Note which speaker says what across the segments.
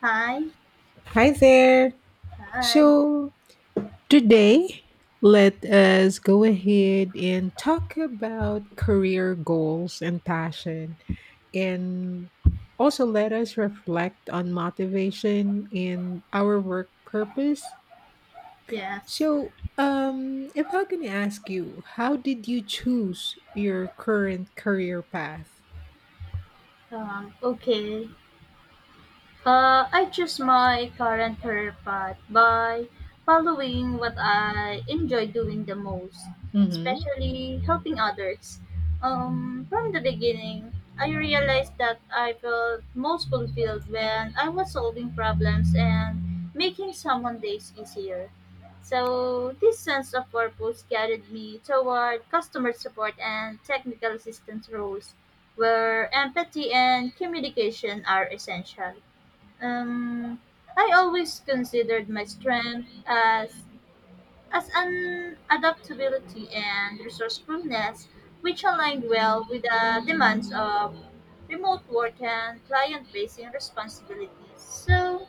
Speaker 1: Hi,
Speaker 2: Hi there.
Speaker 1: hi,
Speaker 2: So, today, let us go ahead and talk about career goals and passion, and also let us reflect on motivation and our work purpose.
Speaker 1: yes,
Speaker 2: So, if I can ask you, how did you choose your current career path?
Speaker 1: okay. I choose my current career path by following what I enjoy doing the most,
Speaker 2: Mm-hmm.
Speaker 1: especially helping others. From the beginning, I realized that I felt most fulfilled when I was solving problems and making someone's days easier. So, this sense of purpose guided me toward customer support and technical assistance roles, where empathy and communication are essential. Um, I always considered my strength as an adaptability and resourcefulness, which aligned well with the demands of remote work and client-facing responsibilities. So,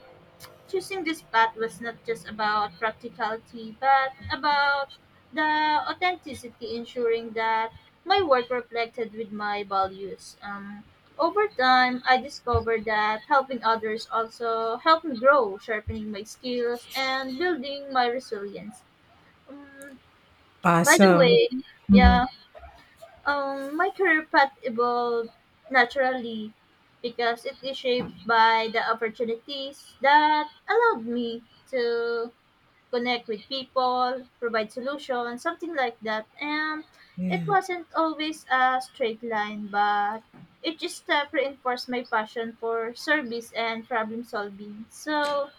Speaker 1: choosing this path was not just about practicality, but about the authenticity, ensuring that my work reflected with my values. Over time, I discovered that helping others also helped me grow, sharpening my skills and building my resilience. Um, by the
Speaker 2: Awesome.
Speaker 1: way,
Speaker 2: Mm-hmm.
Speaker 1: yeah, my career path evolved naturally because it is shaped by the opportunities that allowed me to connect with people, provide solutions, something like that. And it
Speaker 2: Yeah,
Speaker 1: wasn't always a straight line, but it just step reinforced my passion for service and problem solving. So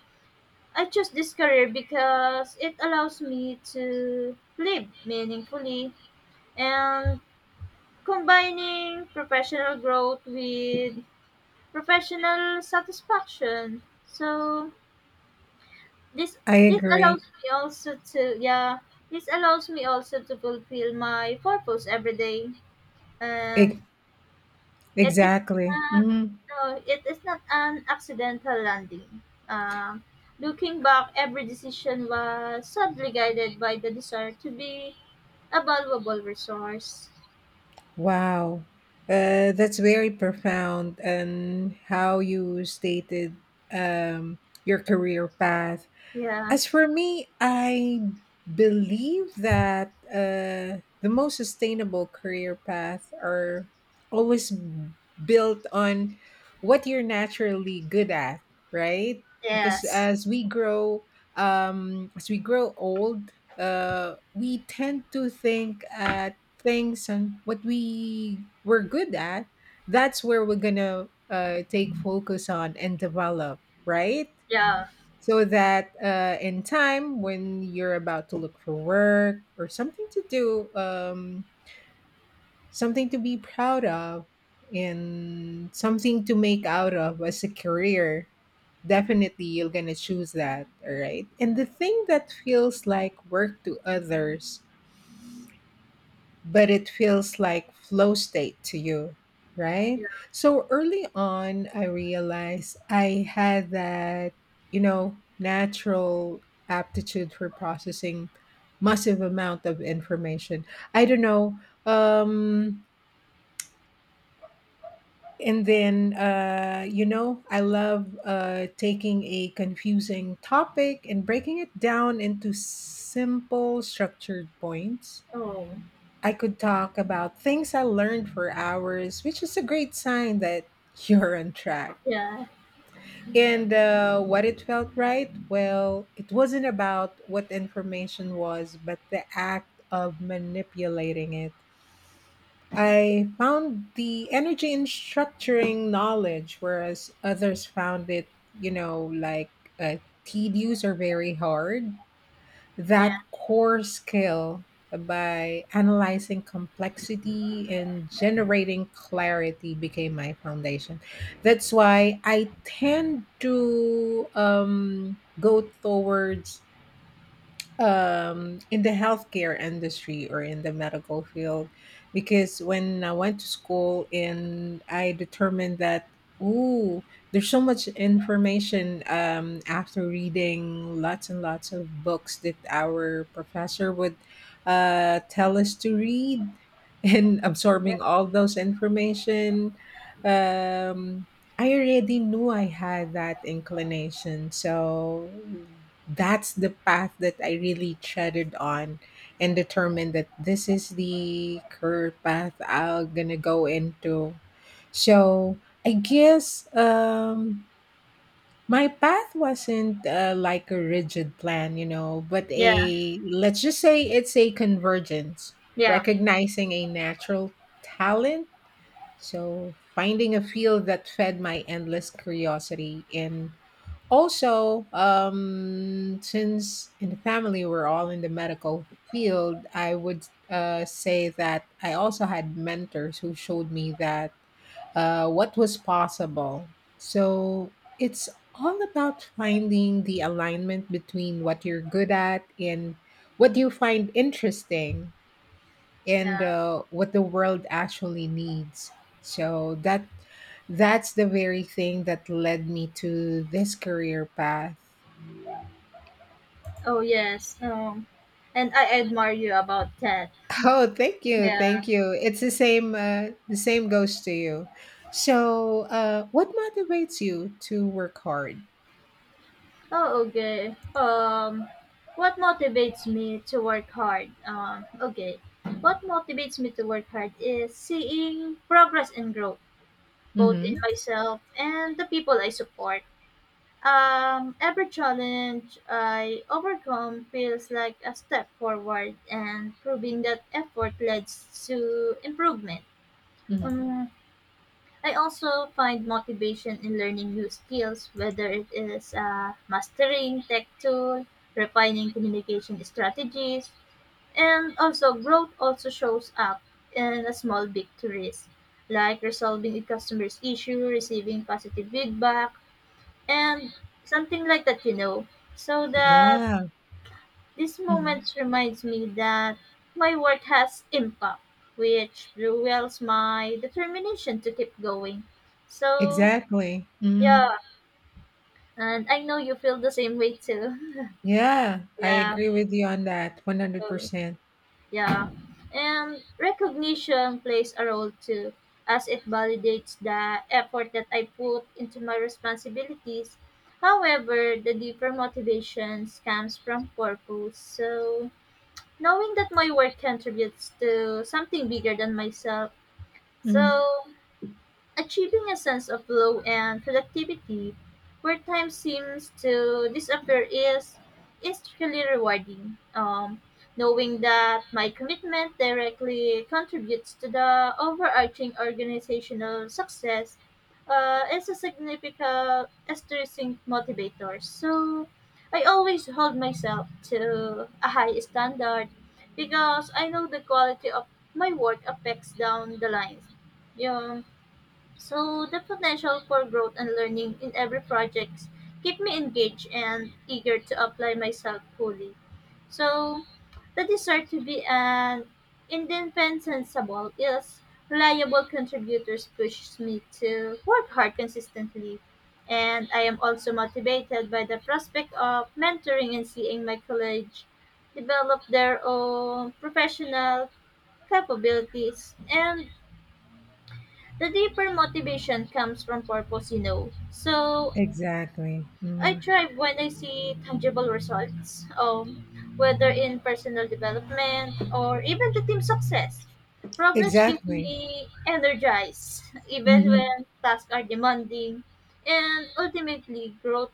Speaker 1: I chose this career because it allows me to live meaningfully and combining professional growth with professional satisfaction. So this
Speaker 2: I
Speaker 1: this
Speaker 2: agree.
Speaker 1: allows me also to yeah. This allows me also to fulfill my purpose every day. And
Speaker 2: E-
Speaker 1: it is
Speaker 2: exactly.
Speaker 1: not
Speaker 2: hmm
Speaker 1: no, it is not an accidental landing. Um Looking back, every decision was subtly guided by the desire to be a valuable resource.
Speaker 2: Wow. That's very profound and how you stated um, your career path.
Speaker 1: Yeah.
Speaker 2: As for me, I believe that the most sustainable career path are always built on what you're naturally good at, right? Because
Speaker 1: Yes.
Speaker 2: as we grow old, we tend to think at things and what we were good at. That's where we're gonna take focus on and develop, right?
Speaker 1: Yeah.
Speaker 2: So that in time, when you're about to look for work or something to do, something to be proud of, and something to make out of as a career, definitely you're going to choose that. All right. And the thing that feels like work to others but it feels like flow state to you, right?
Speaker 1: Yeah.
Speaker 2: So early on, I realized I had that, you know, natural aptitude for processing massive amount of information. I don't know. Um, and then, you know, I love taking a confusing topic and breaking it down into simple, structured points.
Speaker 1: Oh.
Speaker 2: I could talk about things I learned for hours, which is a great sign that you're on track.
Speaker 1: Yeah,
Speaker 2: And what it felt right? Well, it wasn't about what information was, but the act of manipulating it. I found the energy in structuring knowledge, whereas others found it, you know, like uh, tedious or very hard. That
Speaker 1: yeah,
Speaker 2: core skill by analyzing complexity and generating clarity became my foundation. That's why I tend to go towards in the healthcare industry or in the medical field, because when I went to school and I determined that, ooh, there's so much information, after reading lots and lots of books that our professor would tell us to read and
Speaker 1: yeah,
Speaker 2: absorbing all those information, um, I already knew I had that inclination, so that's the path that I really treaded on and determined that this is the career path I'm gonna go into. So I guess my path wasn't like a rigid plan, you know, but
Speaker 1: yeah,
Speaker 2: a, let's just say it's a convergence,
Speaker 1: yeah,
Speaker 2: recognizing a natural talent. So finding a field that fed my endless curiosity and also, since in the family we're all in the medical field, I would say that I also had mentors who showed me that what was possible. So it's all about finding the alignment between what you're good at and what you find interesting
Speaker 1: yeah.
Speaker 2: and what the world actually needs. So that's the very thing that led me to this career path.
Speaker 1: Oh, yes. And I admire you about that.
Speaker 2: Oh, thank you,
Speaker 1: Yeah.
Speaker 2: thank you. It's the same. The same goes to you. So, what motivates you to work hard?
Speaker 1: Oh, okay. What motivates me to work hard? Okay. What motivates me to work hard is seeing progress and growth, both in
Speaker 2: Hmm
Speaker 1: myself and the people I support. Every challenge I overcome feels like a step forward and proving that effort leads to improvement.
Speaker 2: hmm
Speaker 1: Um, I also find motivation in learning new skills, whether it is mastering tech tool, refining communication strategies, and also growth also shows up in a small victories, like resolving a customer's issue, receiving positive feedback, and something like that. So the
Speaker 2: Yeah.
Speaker 1: this
Speaker 2: hmm
Speaker 1: moment reminds me that my work has impact, which fuels my determination to keep going. So,
Speaker 2: exactly.
Speaker 1: yeah,
Speaker 2: hmm
Speaker 1: and I know you feel the same way too.
Speaker 2: Yeah, I
Speaker 1: Yeah,
Speaker 2: agree with you on that. One hundred
Speaker 1: so,
Speaker 2: percent.
Speaker 1: yeah. And recognition plays a role too, as it validates the effort that I put into my responsibilities. However, the deeper motivations comes from purpose. So, knowing that my work contributes to something bigger than myself.
Speaker 2: Mm-hmm.
Speaker 1: So achieving a sense of flow and productivity where time seems to disappear is intrinsically rewarding. Knowing that my commitment directly contributes to the overarching organizational success is a significant stressing motivator. So I always hold myself to a high standard because I know the quality of my work affects down the line. Yung so the potential for growth and learning in every project keep me engaged and eager to apply myself fully. So the desire to be an indispensable is reliable contributors pushes me to work hard consistently. And I am also motivated by the prospect of mentoring and seeing my colleagues develop their own professional capabilities and the deeper motivation comes from purpose, you know. So
Speaker 2: Exactly.
Speaker 1: I
Speaker 2: hmm
Speaker 1: thrive when I see tangible results, whether in personal development or even the team success. Problems keep
Speaker 2: Exactly.
Speaker 1: me energized, even
Speaker 2: hmm
Speaker 1: when tasks are demanding. And ultimately, growth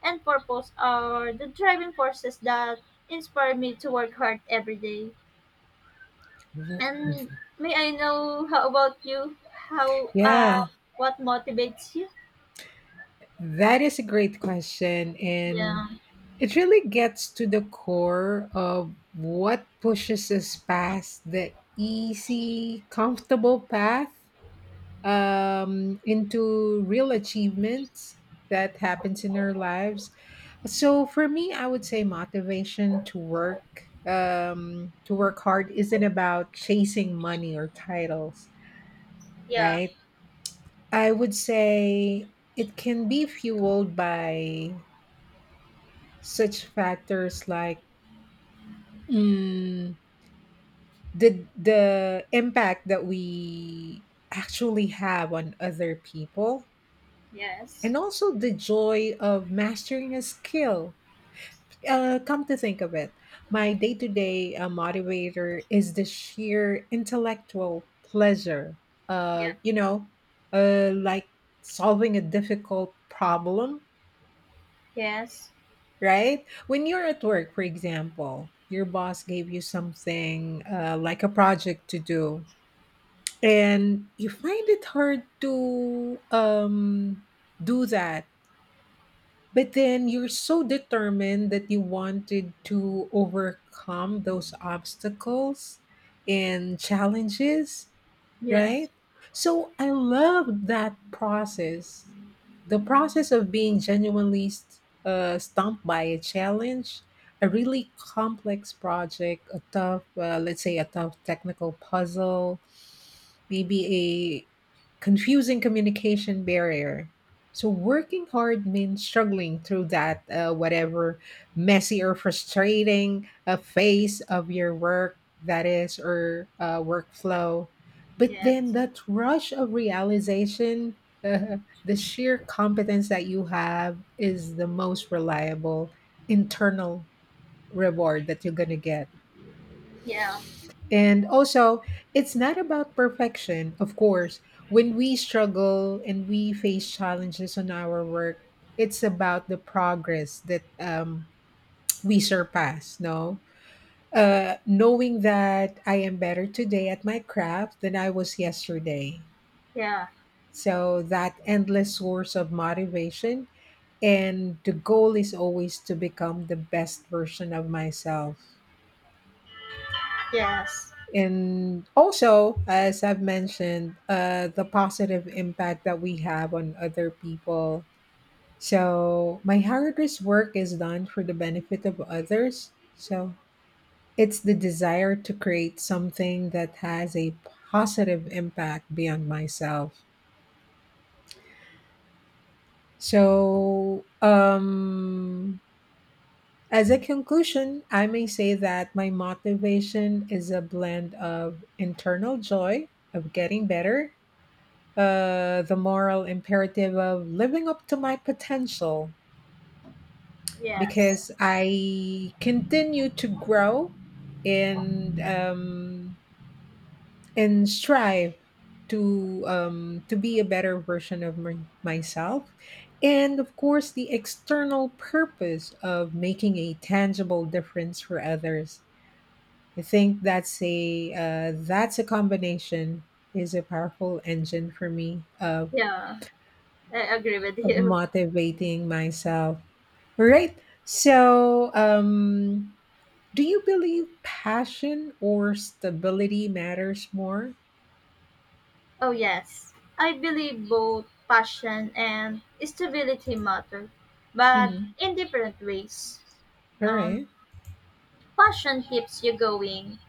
Speaker 1: and purpose are the driving forces that inspire me to work hard every day. And may I know how about you? How
Speaker 2: Yeah,
Speaker 1: What motivates you?
Speaker 2: that is a great question, and
Speaker 1: Yeah.
Speaker 2: it really gets to the core of what pushes us past the easy, comfortable path into real achievements that happens in our lives. So for me, I would say motivation to work to work hard isn't about chasing money or titles,
Speaker 1: Yeah.
Speaker 2: right? I would say it can be fueled by such factors like, mm, the impact that we actually have on other people,
Speaker 1: Yes.
Speaker 2: and also the joy of mastering a skill. Uh, come to think of it, my day-to-day motivator is the sheer intellectual pleasure
Speaker 1: Yeah.
Speaker 2: of, you know, like solving a difficult problem.
Speaker 1: Yes.
Speaker 2: Right? When you're at work, for example, your boss gave you something like a project to do, and you find it hard to do that, but then you're so determined that you wanted to overcome those obstacles and challenges,
Speaker 1: Yes.
Speaker 2: right? So I love that process, the process of being genuinely stumped by a challenge, a really complex project, a tough let's say a tough technical puzzle, maybe a confusing communication barrier. So working hard means struggling through that whatever messy or frustrating phase of your work, that is, or workflow. But
Speaker 1: Yes.
Speaker 2: then that rush of realization, uh, the sheer competence that you have is the most reliable internal reward that you're going to get.
Speaker 1: Yeah.
Speaker 2: And also, it's not about perfection, of course. When we struggle and we face challenges on our work, it's about the progress that we surpass, no? Knowing that I am better today at my craft than I was yesterday.
Speaker 1: Yeah.
Speaker 2: So, that endless source of motivation. And the goal is always to become the best version of myself.
Speaker 1: Yes.
Speaker 2: And also, as I've mentioned, the positive impact that we have on other people. So, my hardest work is done for the benefit of others. So, it's the desire to create something that has a positive impact beyond myself. So, as a conclusion, I may say that my motivation is a blend of internal joy of getting better, the moral imperative of living up to my potential,
Speaker 1: Yes.
Speaker 2: because I continue to grow and um, and strive to be a better version of myself, and of course the external purpose of making a tangible difference for others. I think that's a combination, is a powerful engine for me,
Speaker 1: Yeah. I agree with
Speaker 2: of
Speaker 1: you.
Speaker 2: motivating myself. Right. So, do you believe passion or stability matters more?
Speaker 1: Oh, yes. I believe both passion and stability matter, but
Speaker 2: Mm-hmm.
Speaker 1: in different ways.
Speaker 2: All
Speaker 1: Um
Speaker 2: right.
Speaker 1: Passion keeps you going.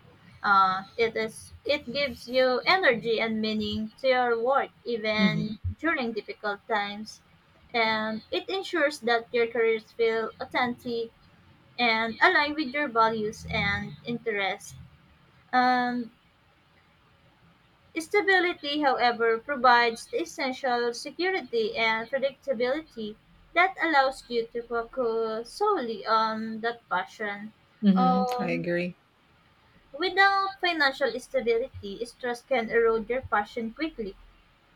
Speaker 1: It gives you energy and meaning to your work even
Speaker 2: Mm-hmm.
Speaker 1: during difficult times, and it ensures that your careers feel authentic and align with your values and interests. And stability, however, provides the essential security and predictability that allows you to focus solely on that passion.
Speaker 2: Mm-hmm. I
Speaker 1: Um,
Speaker 2: agree.
Speaker 1: without financial stability, stress can erode your passion quickly,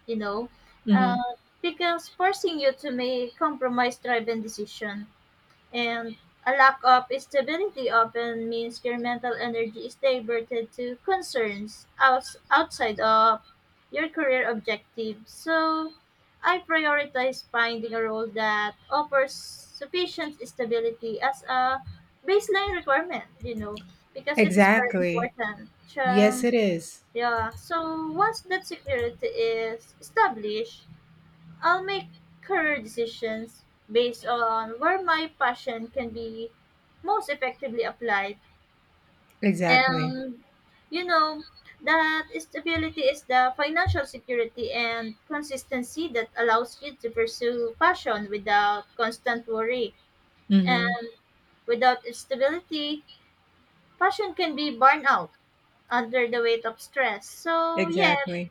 Speaker 1: you know,
Speaker 2: Mm-hmm.
Speaker 1: uh, because forcing you to make compromise driven decision. And a lack of stability often means your mental energy is diverted to concerns outs- outside of your career objectives. So, I prioritize finding a role that offers sufficient stability as a baseline requirement, you know, because it is very
Speaker 2: Exactly.
Speaker 1: important.
Speaker 2: Yes,
Speaker 1: Um,
Speaker 2: it is.
Speaker 1: yeah, so once that security is established, I'll make career decisions based on where my passion can be most effectively applied.
Speaker 2: Exactly.
Speaker 1: And you know, that stability is the financial security and consistency that allows you to pursue passion without constant worry. And
Speaker 2: Mm-hmm.
Speaker 1: without stability, passion can be burned out under the weight of stress. So, yeah,
Speaker 2: Exactly.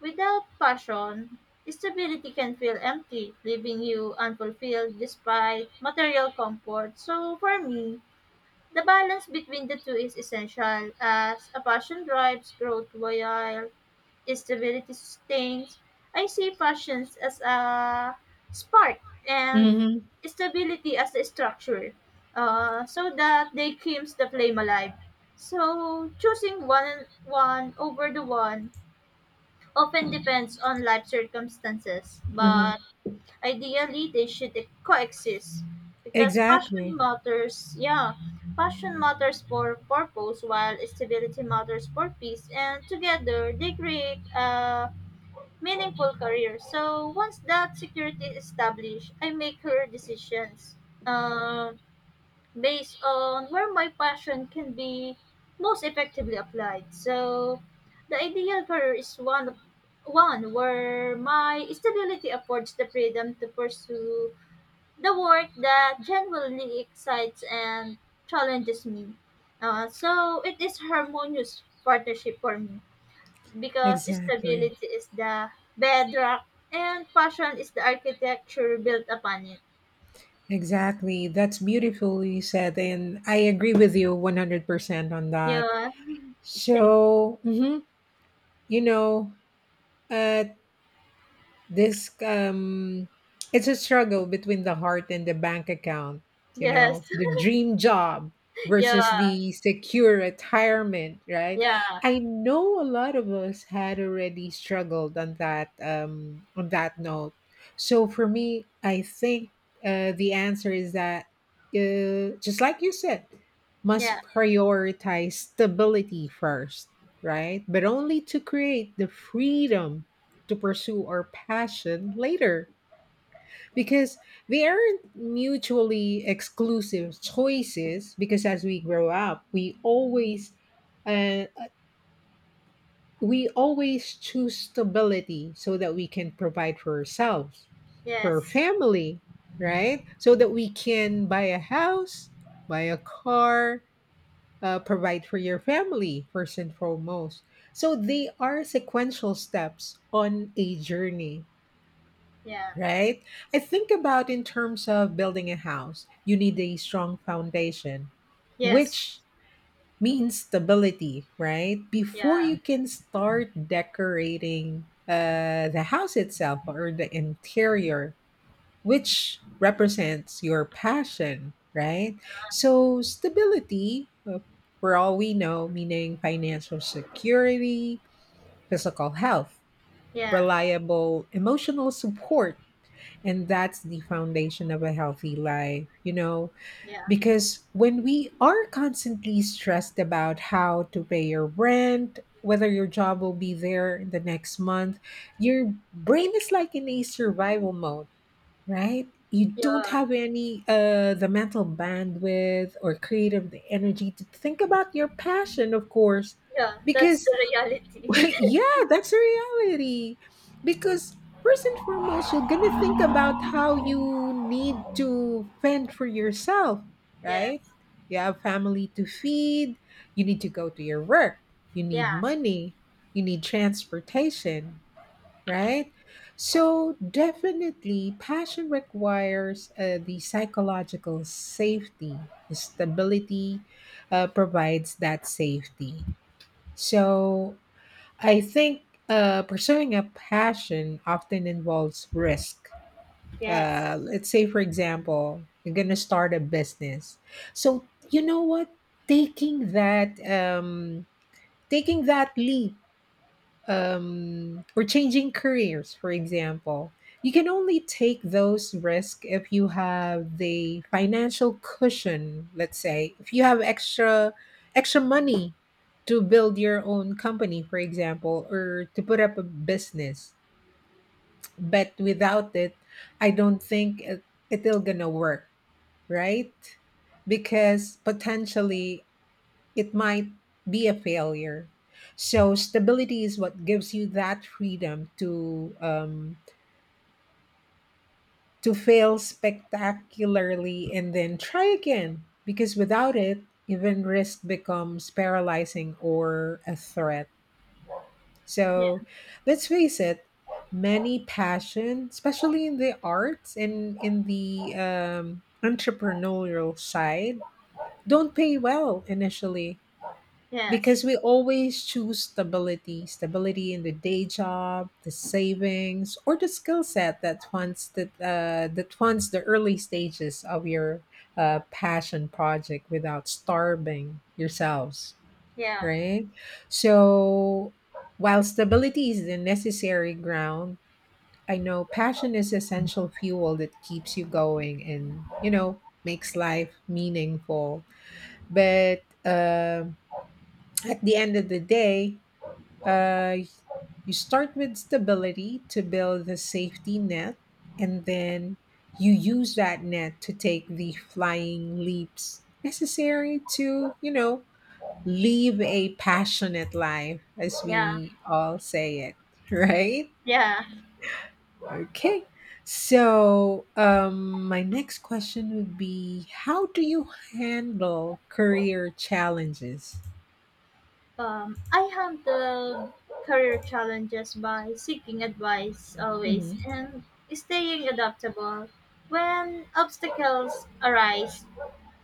Speaker 1: without passion, stability can feel empty, leaving you unfulfilled despite material comfort. So, for me, the balance between the two is essential as a passion drives growth while stability sustains. I see passions as a spark and
Speaker 2: Mm-hmm.
Speaker 1: stability as a structure so that they keeps the flame alive. So, choosing one over the one often depends on life circumstances,
Speaker 2: Mm-hmm.
Speaker 1: but ideally they should coexist because passion
Speaker 2: Exactly.
Speaker 1: matters, yeah, passion matters for purpose while stability matters for peace, and together they create a meaningful career. So once that security is established, I make career decisions. Um Based on where my passion can be most effectively applied. So, the ideal career is one where my stability affords the freedom to pursue the work that genuinely excites and challenges me. So it is harmonious partnership for me because
Speaker 2: Exactly.
Speaker 1: stability is the bedrock and passion is the architecture built upon it.
Speaker 2: Exactly. That's beautifully said. And I agree with you 100% on that.
Speaker 1: Yeah, thank
Speaker 2: So, mhm. You know, uh, this it's a struggle between the heart and the bank account, you
Speaker 1: yes,
Speaker 2: know, the dream job
Speaker 1: yeah,
Speaker 2: versus the secure retirement, right?
Speaker 1: yeah.
Speaker 2: I know a lot of us had already struggled on that note. So for me, I think the answer is that, just like you said,
Speaker 1: Yeah.
Speaker 2: must prioritize stability first, right? But only to create the freedom to pursue our passion later, because they aren't mutually exclusive choices. Because as we grow up, we always uh, we always choose stability so that we can provide for ourselves, for our
Speaker 1: Yes.
Speaker 2: family, right? So that we can buy a house, buy a car, provide for your family first and foremost. So they are sequential steps on a journey,
Speaker 1: Yeah.
Speaker 2: right? I think about in terms of building a house, you need a strong foundation,
Speaker 1: Yes.
Speaker 2: which means stability, right? Before you
Speaker 1: Yeah.
Speaker 2: can start decorating the house itself or the interior, which represents your passion, right? So, stability, for all we know, meaning financial security, physical health,
Speaker 1: Yeah.
Speaker 2: reliable emotional support, and that's the foundation of a healthy life, you know,
Speaker 1: Yeah.
Speaker 2: because when we are constantly stressed about how to pay your rent, whether your job will be there in the next month, your brain is like in a survival mode, right? You don't
Speaker 1: Yeah.
Speaker 2: have any the mental bandwidth or creative energy to think about your passion, of course,
Speaker 1: Yeah. That's
Speaker 2: because
Speaker 1: the reality.
Speaker 2: yeah, that's a reality. Because first and foremost, you're gonna think about how you need to fend for yourself,
Speaker 1: Yes.
Speaker 2: right? You have family to feed, you need to go to your work, you
Speaker 1: Yeah.
Speaker 2: need money, you need transportation, right? So definitely passion requires the psychological safety. The stability provides that safety. So I think pursuing a passion often involves risk.
Speaker 1: Yes.
Speaker 2: Let's say, for example, you're going to start a business. So, you know what? Taking that, taking that leap, or changing careers, for example. You can only take those risks if you have the financial cushion, let's say, if you have extra money to build your own company, for example, or to put up a business. But without it, I don't think it'll gonna work, right? Because potentially it might be a failure. So stability is what gives you that freedom to fail spectacularly and then try again. Because without it, even risk becomes paralyzing or a threat.
Speaker 1: Yeah.
Speaker 2: So let's face it, many passion, especially in the arts and in the entrepreneurial side, don't pay well initially. Because
Speaker 1: Yes.
Speaker 2: we always choose stability, stability in the day job, the savings, or the skill set that funds the that funds the early stages of your passion project without starving yourselves,
Speaker 1: Yeah.
Speaker 2: right? So, while stability is the necessary ground, I know passion is essential fuel that keeps you going and, you know, makes life meaningful. But at the end of the day, uh, you start with stability to build the safety net, and then you use that net to take the flying leaps necessary to, you know, live a passionate life, as
Speaker 1: Yeah.
Speaker 2: we all say it, right?
Speaker 1: Yeah.
Speaker 2: Okay. My next question would be, how do you handle career challenges?
Speaker 1: I handle career challenges by seeking advice always
Speaker 2: Mm-hmm.
Speaker 1: and staying adaptable when obstacles arise.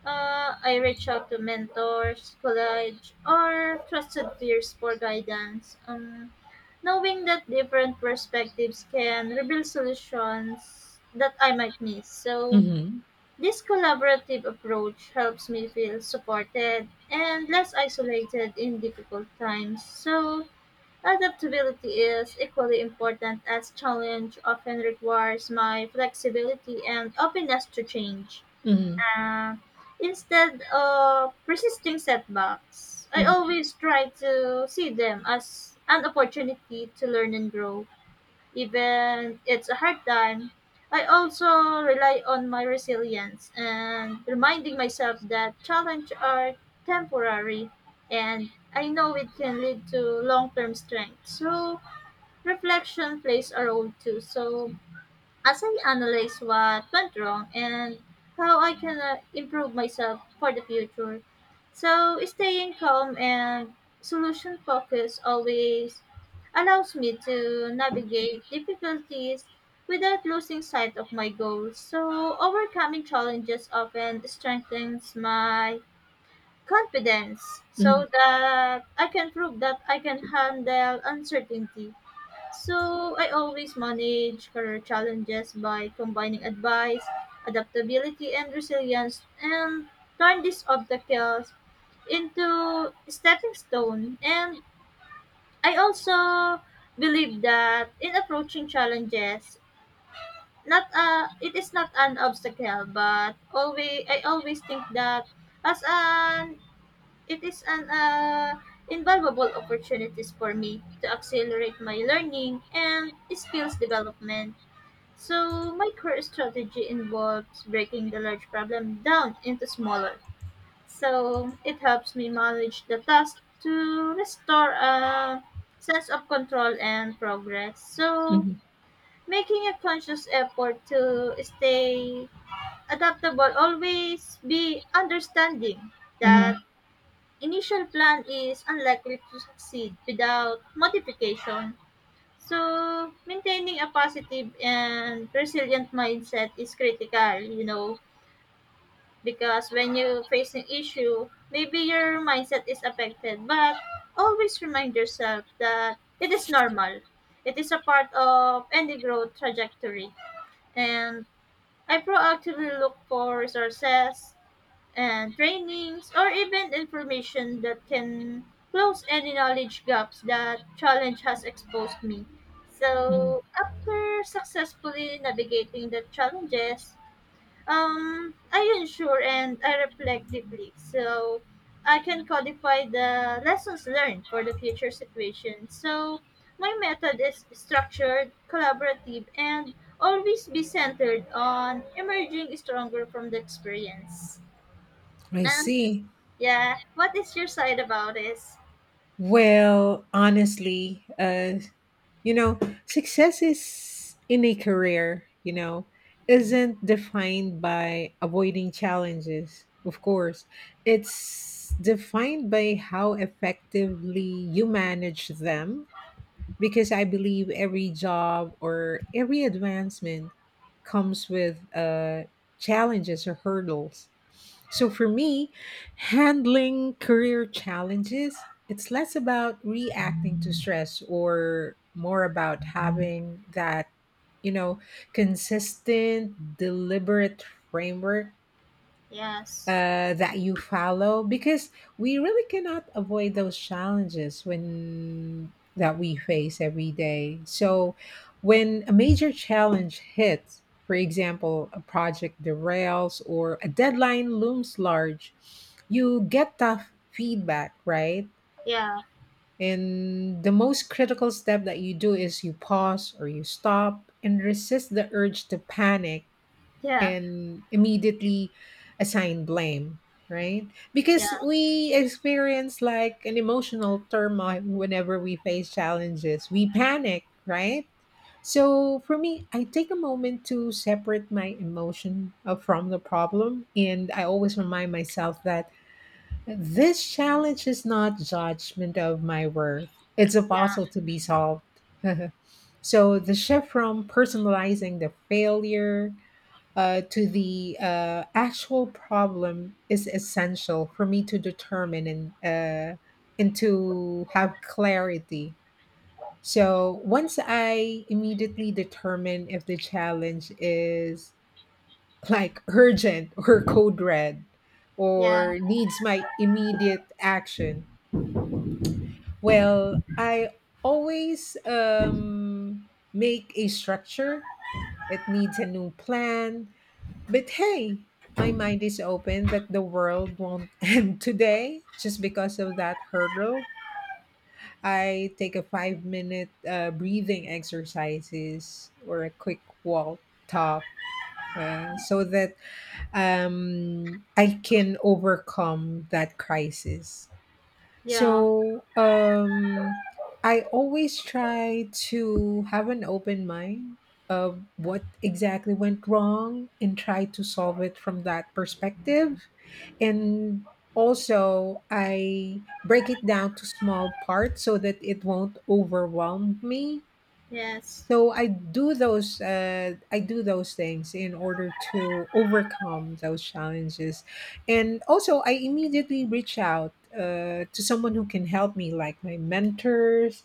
Speaker 1: I reach out to mentors, college, or trusted peers for guidance. Knowing that different perspectives can reveal solutions that I might miss. So,
Speaker 2: Mm-hmm.
Speaker 1: this collaborative approach helps me feel supported and less isolated in difficult times. So, adaptability is equally important as challenge often requires my flexibility and openness to change.
Speaker 2: Mm-hmm.
Speaker 1: Uh, instead of persisting setbacks, I
Speaker 2: Mm-hmm.
Speaker 1: always try to see them as an opportunity to learn and grow. Even it's a hard time, I also rely on my resilience and reminding myself that challenges are temporary and I know it can lead to long term strength. So, reflection plays a role too. So, as I analyze what went wrong and how I can improve myself for the future. So, staying calm and solution focused always allows me to navigate difficulties without losing sight of my goals. So, overcoming challenges often strengthens my confidence
Speaker 2: Mm-hmm.
Speaker 1: so that I can prove that I can handle uncertainty. So, I always manage career challenges by combining advice, adaptability, and resilience, and turn these obstacles into stepping stone. And I also believe that in approaching challenges, not it is not an obstacle, but always I always think that as an it is an invaluable opportunities for me to accelerate my learning and skills development. So my career strategy involves breaking the large problem down into smaller. So it helps me manage the task to restore a sense of control and progress. So
Speaker 2: Mm-hmm.
Speaker 1: making a conscious effort to stay adaptable, always be understanding that
Speaker 2: Mm-hmm.
Speaker 1: initial plan is unlikely to succeed without modification. So, maintaining a positive and resilient mindset is critical, you know, because when you face an issue, maybe your mindset is affected, but always remind yourself that it is normal. It is a part of any growth trajectory. And I proactively look for resources, and trainings, or even information that can close any knowledge gaps that challenge has exposed me.
Speaker 2: Mhm.
Speaker 1: So, after successfully navigating the challenges, I ensure and I reflect deeply so I can codify the lessons learned for the future situation. So, my method is structured, collaborative, and always be centered on emerging stronger from the experience.
Speaker 2: I
Speaker 1: And
Speaker 2: see.
Speaker 1: yeah. What is your side about this?
Speaker 2: Well, honestly, you know, success is in a career, you know, isn't defined by avoiding challenges, of course. It's defined by how effectively you manage them, because I believe every job or every advancement comes with challenges or hurdles. So for me, handling career challenges, it's less about reacting to stress or more about having that, you know, consistent, deliberate framework
Speaker 1: Yes.
Speaker 2: that you follow, because we really cannot avoid those challenges when that we face every day. So when a major challenge hits, for example a project derails or a deadline looms large, you get tough feedback, right?
Speaker 1: Yeah.
Speaker 2: And the most critical step that you do is you pause or you stop and resist the urge to panic
Speaker 1: Yeah.
Speaker 2: and immediately assign blame, right?
Speaker 1: Yeah.
Speaker 2: Because we experience like an emotional turmoil whenever we face challenges. We panic, right? So for me, I take a moment to separate my emotion from the problem. And I always remind myself that this challenge is not judgment of my worth, it's a
Speaker 1: Yeah.
Speaker 2: puzzle to be solved. So the shift from personalizing the failure to the actual problem is essential for me to determine and to have clarity. So once I immediately determine if the challenge is like urgent or code red
Speaker 1: Yeah.
Speaker 2: or needs my immediate action, well, I always make a structure. It needs a new plan. But hey, my mind is open that the world won't end today just because of that hurdle. I take a 5 minute breathing exercises or a quick walk top so that I can overcome that crisis.
Speaker 1: Yeah.
Speaker 2: So I always try to have an open mind of what exactly went wrong and try to solve it from that perspective. And also, I break it down to small parts so that it won't overwhelm me,
Speaker 1: Yes.
Speaker 2: so I do those things in order to overcome those challenges, and also I immediately reach out to someone who can help me, like my mentors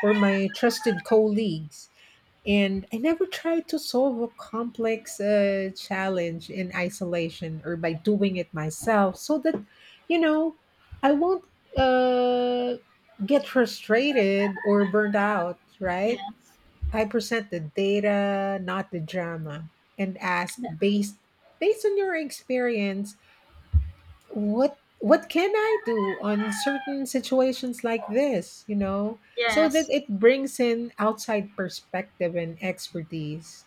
Speaker 2: or my trusted colleagues. And I never try to solve a complex challenge in isolation or by doing it myself, so that you know I won't uh, get frustrated or burned out, right?
Speaker 1: Yes.
Speaker 2: I present the data, not the drama, and ask, based on your experience, what can I do on certain situations like this, you know? So that
Speaker 1: Yes.
Speaker 2: it brings in outside perspective and expertise,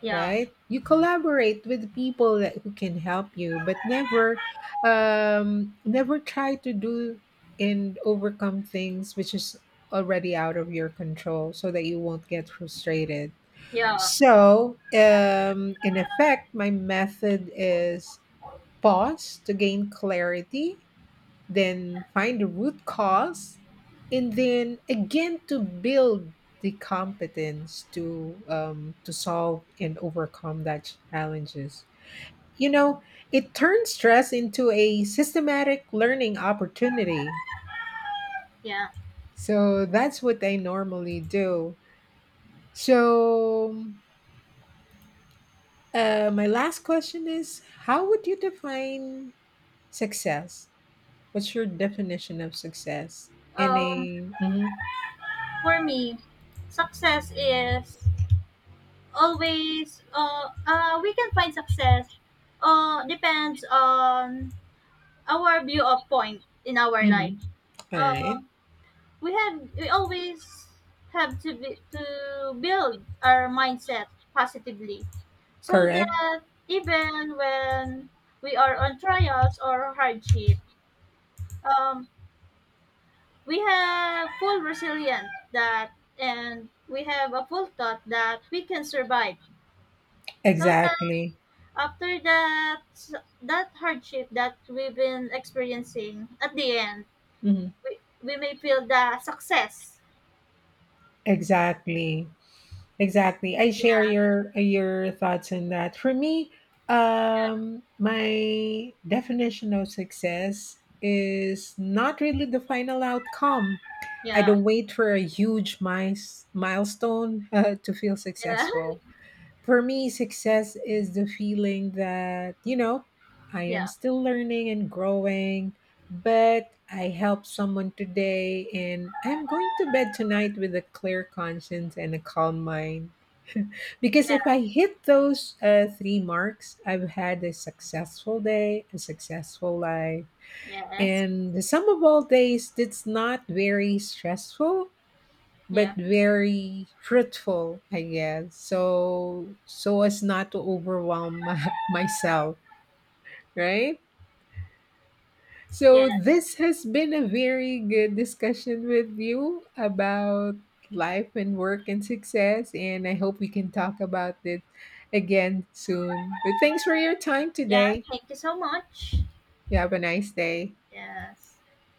Speaker 1: Yeah.
Speaker 2: right? You collaborate with people that who can help you, but never never try to do and overcome things which is already out of your control so that you won't get frustrated.
Speaker 1: Yeah.
Speaker 2: In effect, my method is pause to gain clarity, then find the root cause, and then again to build the competence to solve and overcome that challenges. You know, it turns stress into a systematic learning opportunity.
Speaker 1: Yeah.
Speaker 2: So that's what I normally do. So my last question is, how would you define success? What's your definition of success? In
Speaker 1: Um
Speaker 2: a. Hmm.
Speaker 1: for me, success is always we can find success depends on our view of point in our life.
Speaker 2: All right.
Speaker 1: Um we always have to be, to build our mindset positively so
Speaker 2: Correct.
Speaker 1: that even when we are on trials or hardship, um, we have full resilience that and we have a full thought that we can survive so that
Speaker 2: Exactly.
Speaker 1: after that that hardship that we've been experiencing at the end
Speaker 2: Hmm.
Speaker 1: we may feel the success.
Speaker 2: Exactly. Exactly, I share your thoughts on that. For me, my definition of success is not really the final outcome. I
Speaker 1: Yeah,
Speaker 2: don't wait for a huge milestone to feel
Speaker 1: yeah,
Speaker 2: successful. For me, success is the feeling that, you know, I am
Speaker 1: yeah,
Speaker 2: still learning and growing, but I helped someone today and I'm going to bed tonight with a clear conscience and a calm mind. Because if
Speaker 1: yeah.
Speaker 2: I hit those three marks, I've had a successful day, a successful life.
Speaker 1: Yes.
Speaker 2: And the sum of all days that's not very stressful but
Speaker 1: Yeah.
Speaker 2: very fruitful, I guess. So, so as not to overwhelm myself, right? So
Speaker 1: Yes.
Speaker 2: this has been a very good discussion with you about life and work and success, and I hope we can talk about it again soon. But thanks for your time
Speaker 1: Yeah.
Speaker 2: today.
Speaker 1: Thank you so much.
Speaker 2: You have a nice day.
Speaker 1: Yes.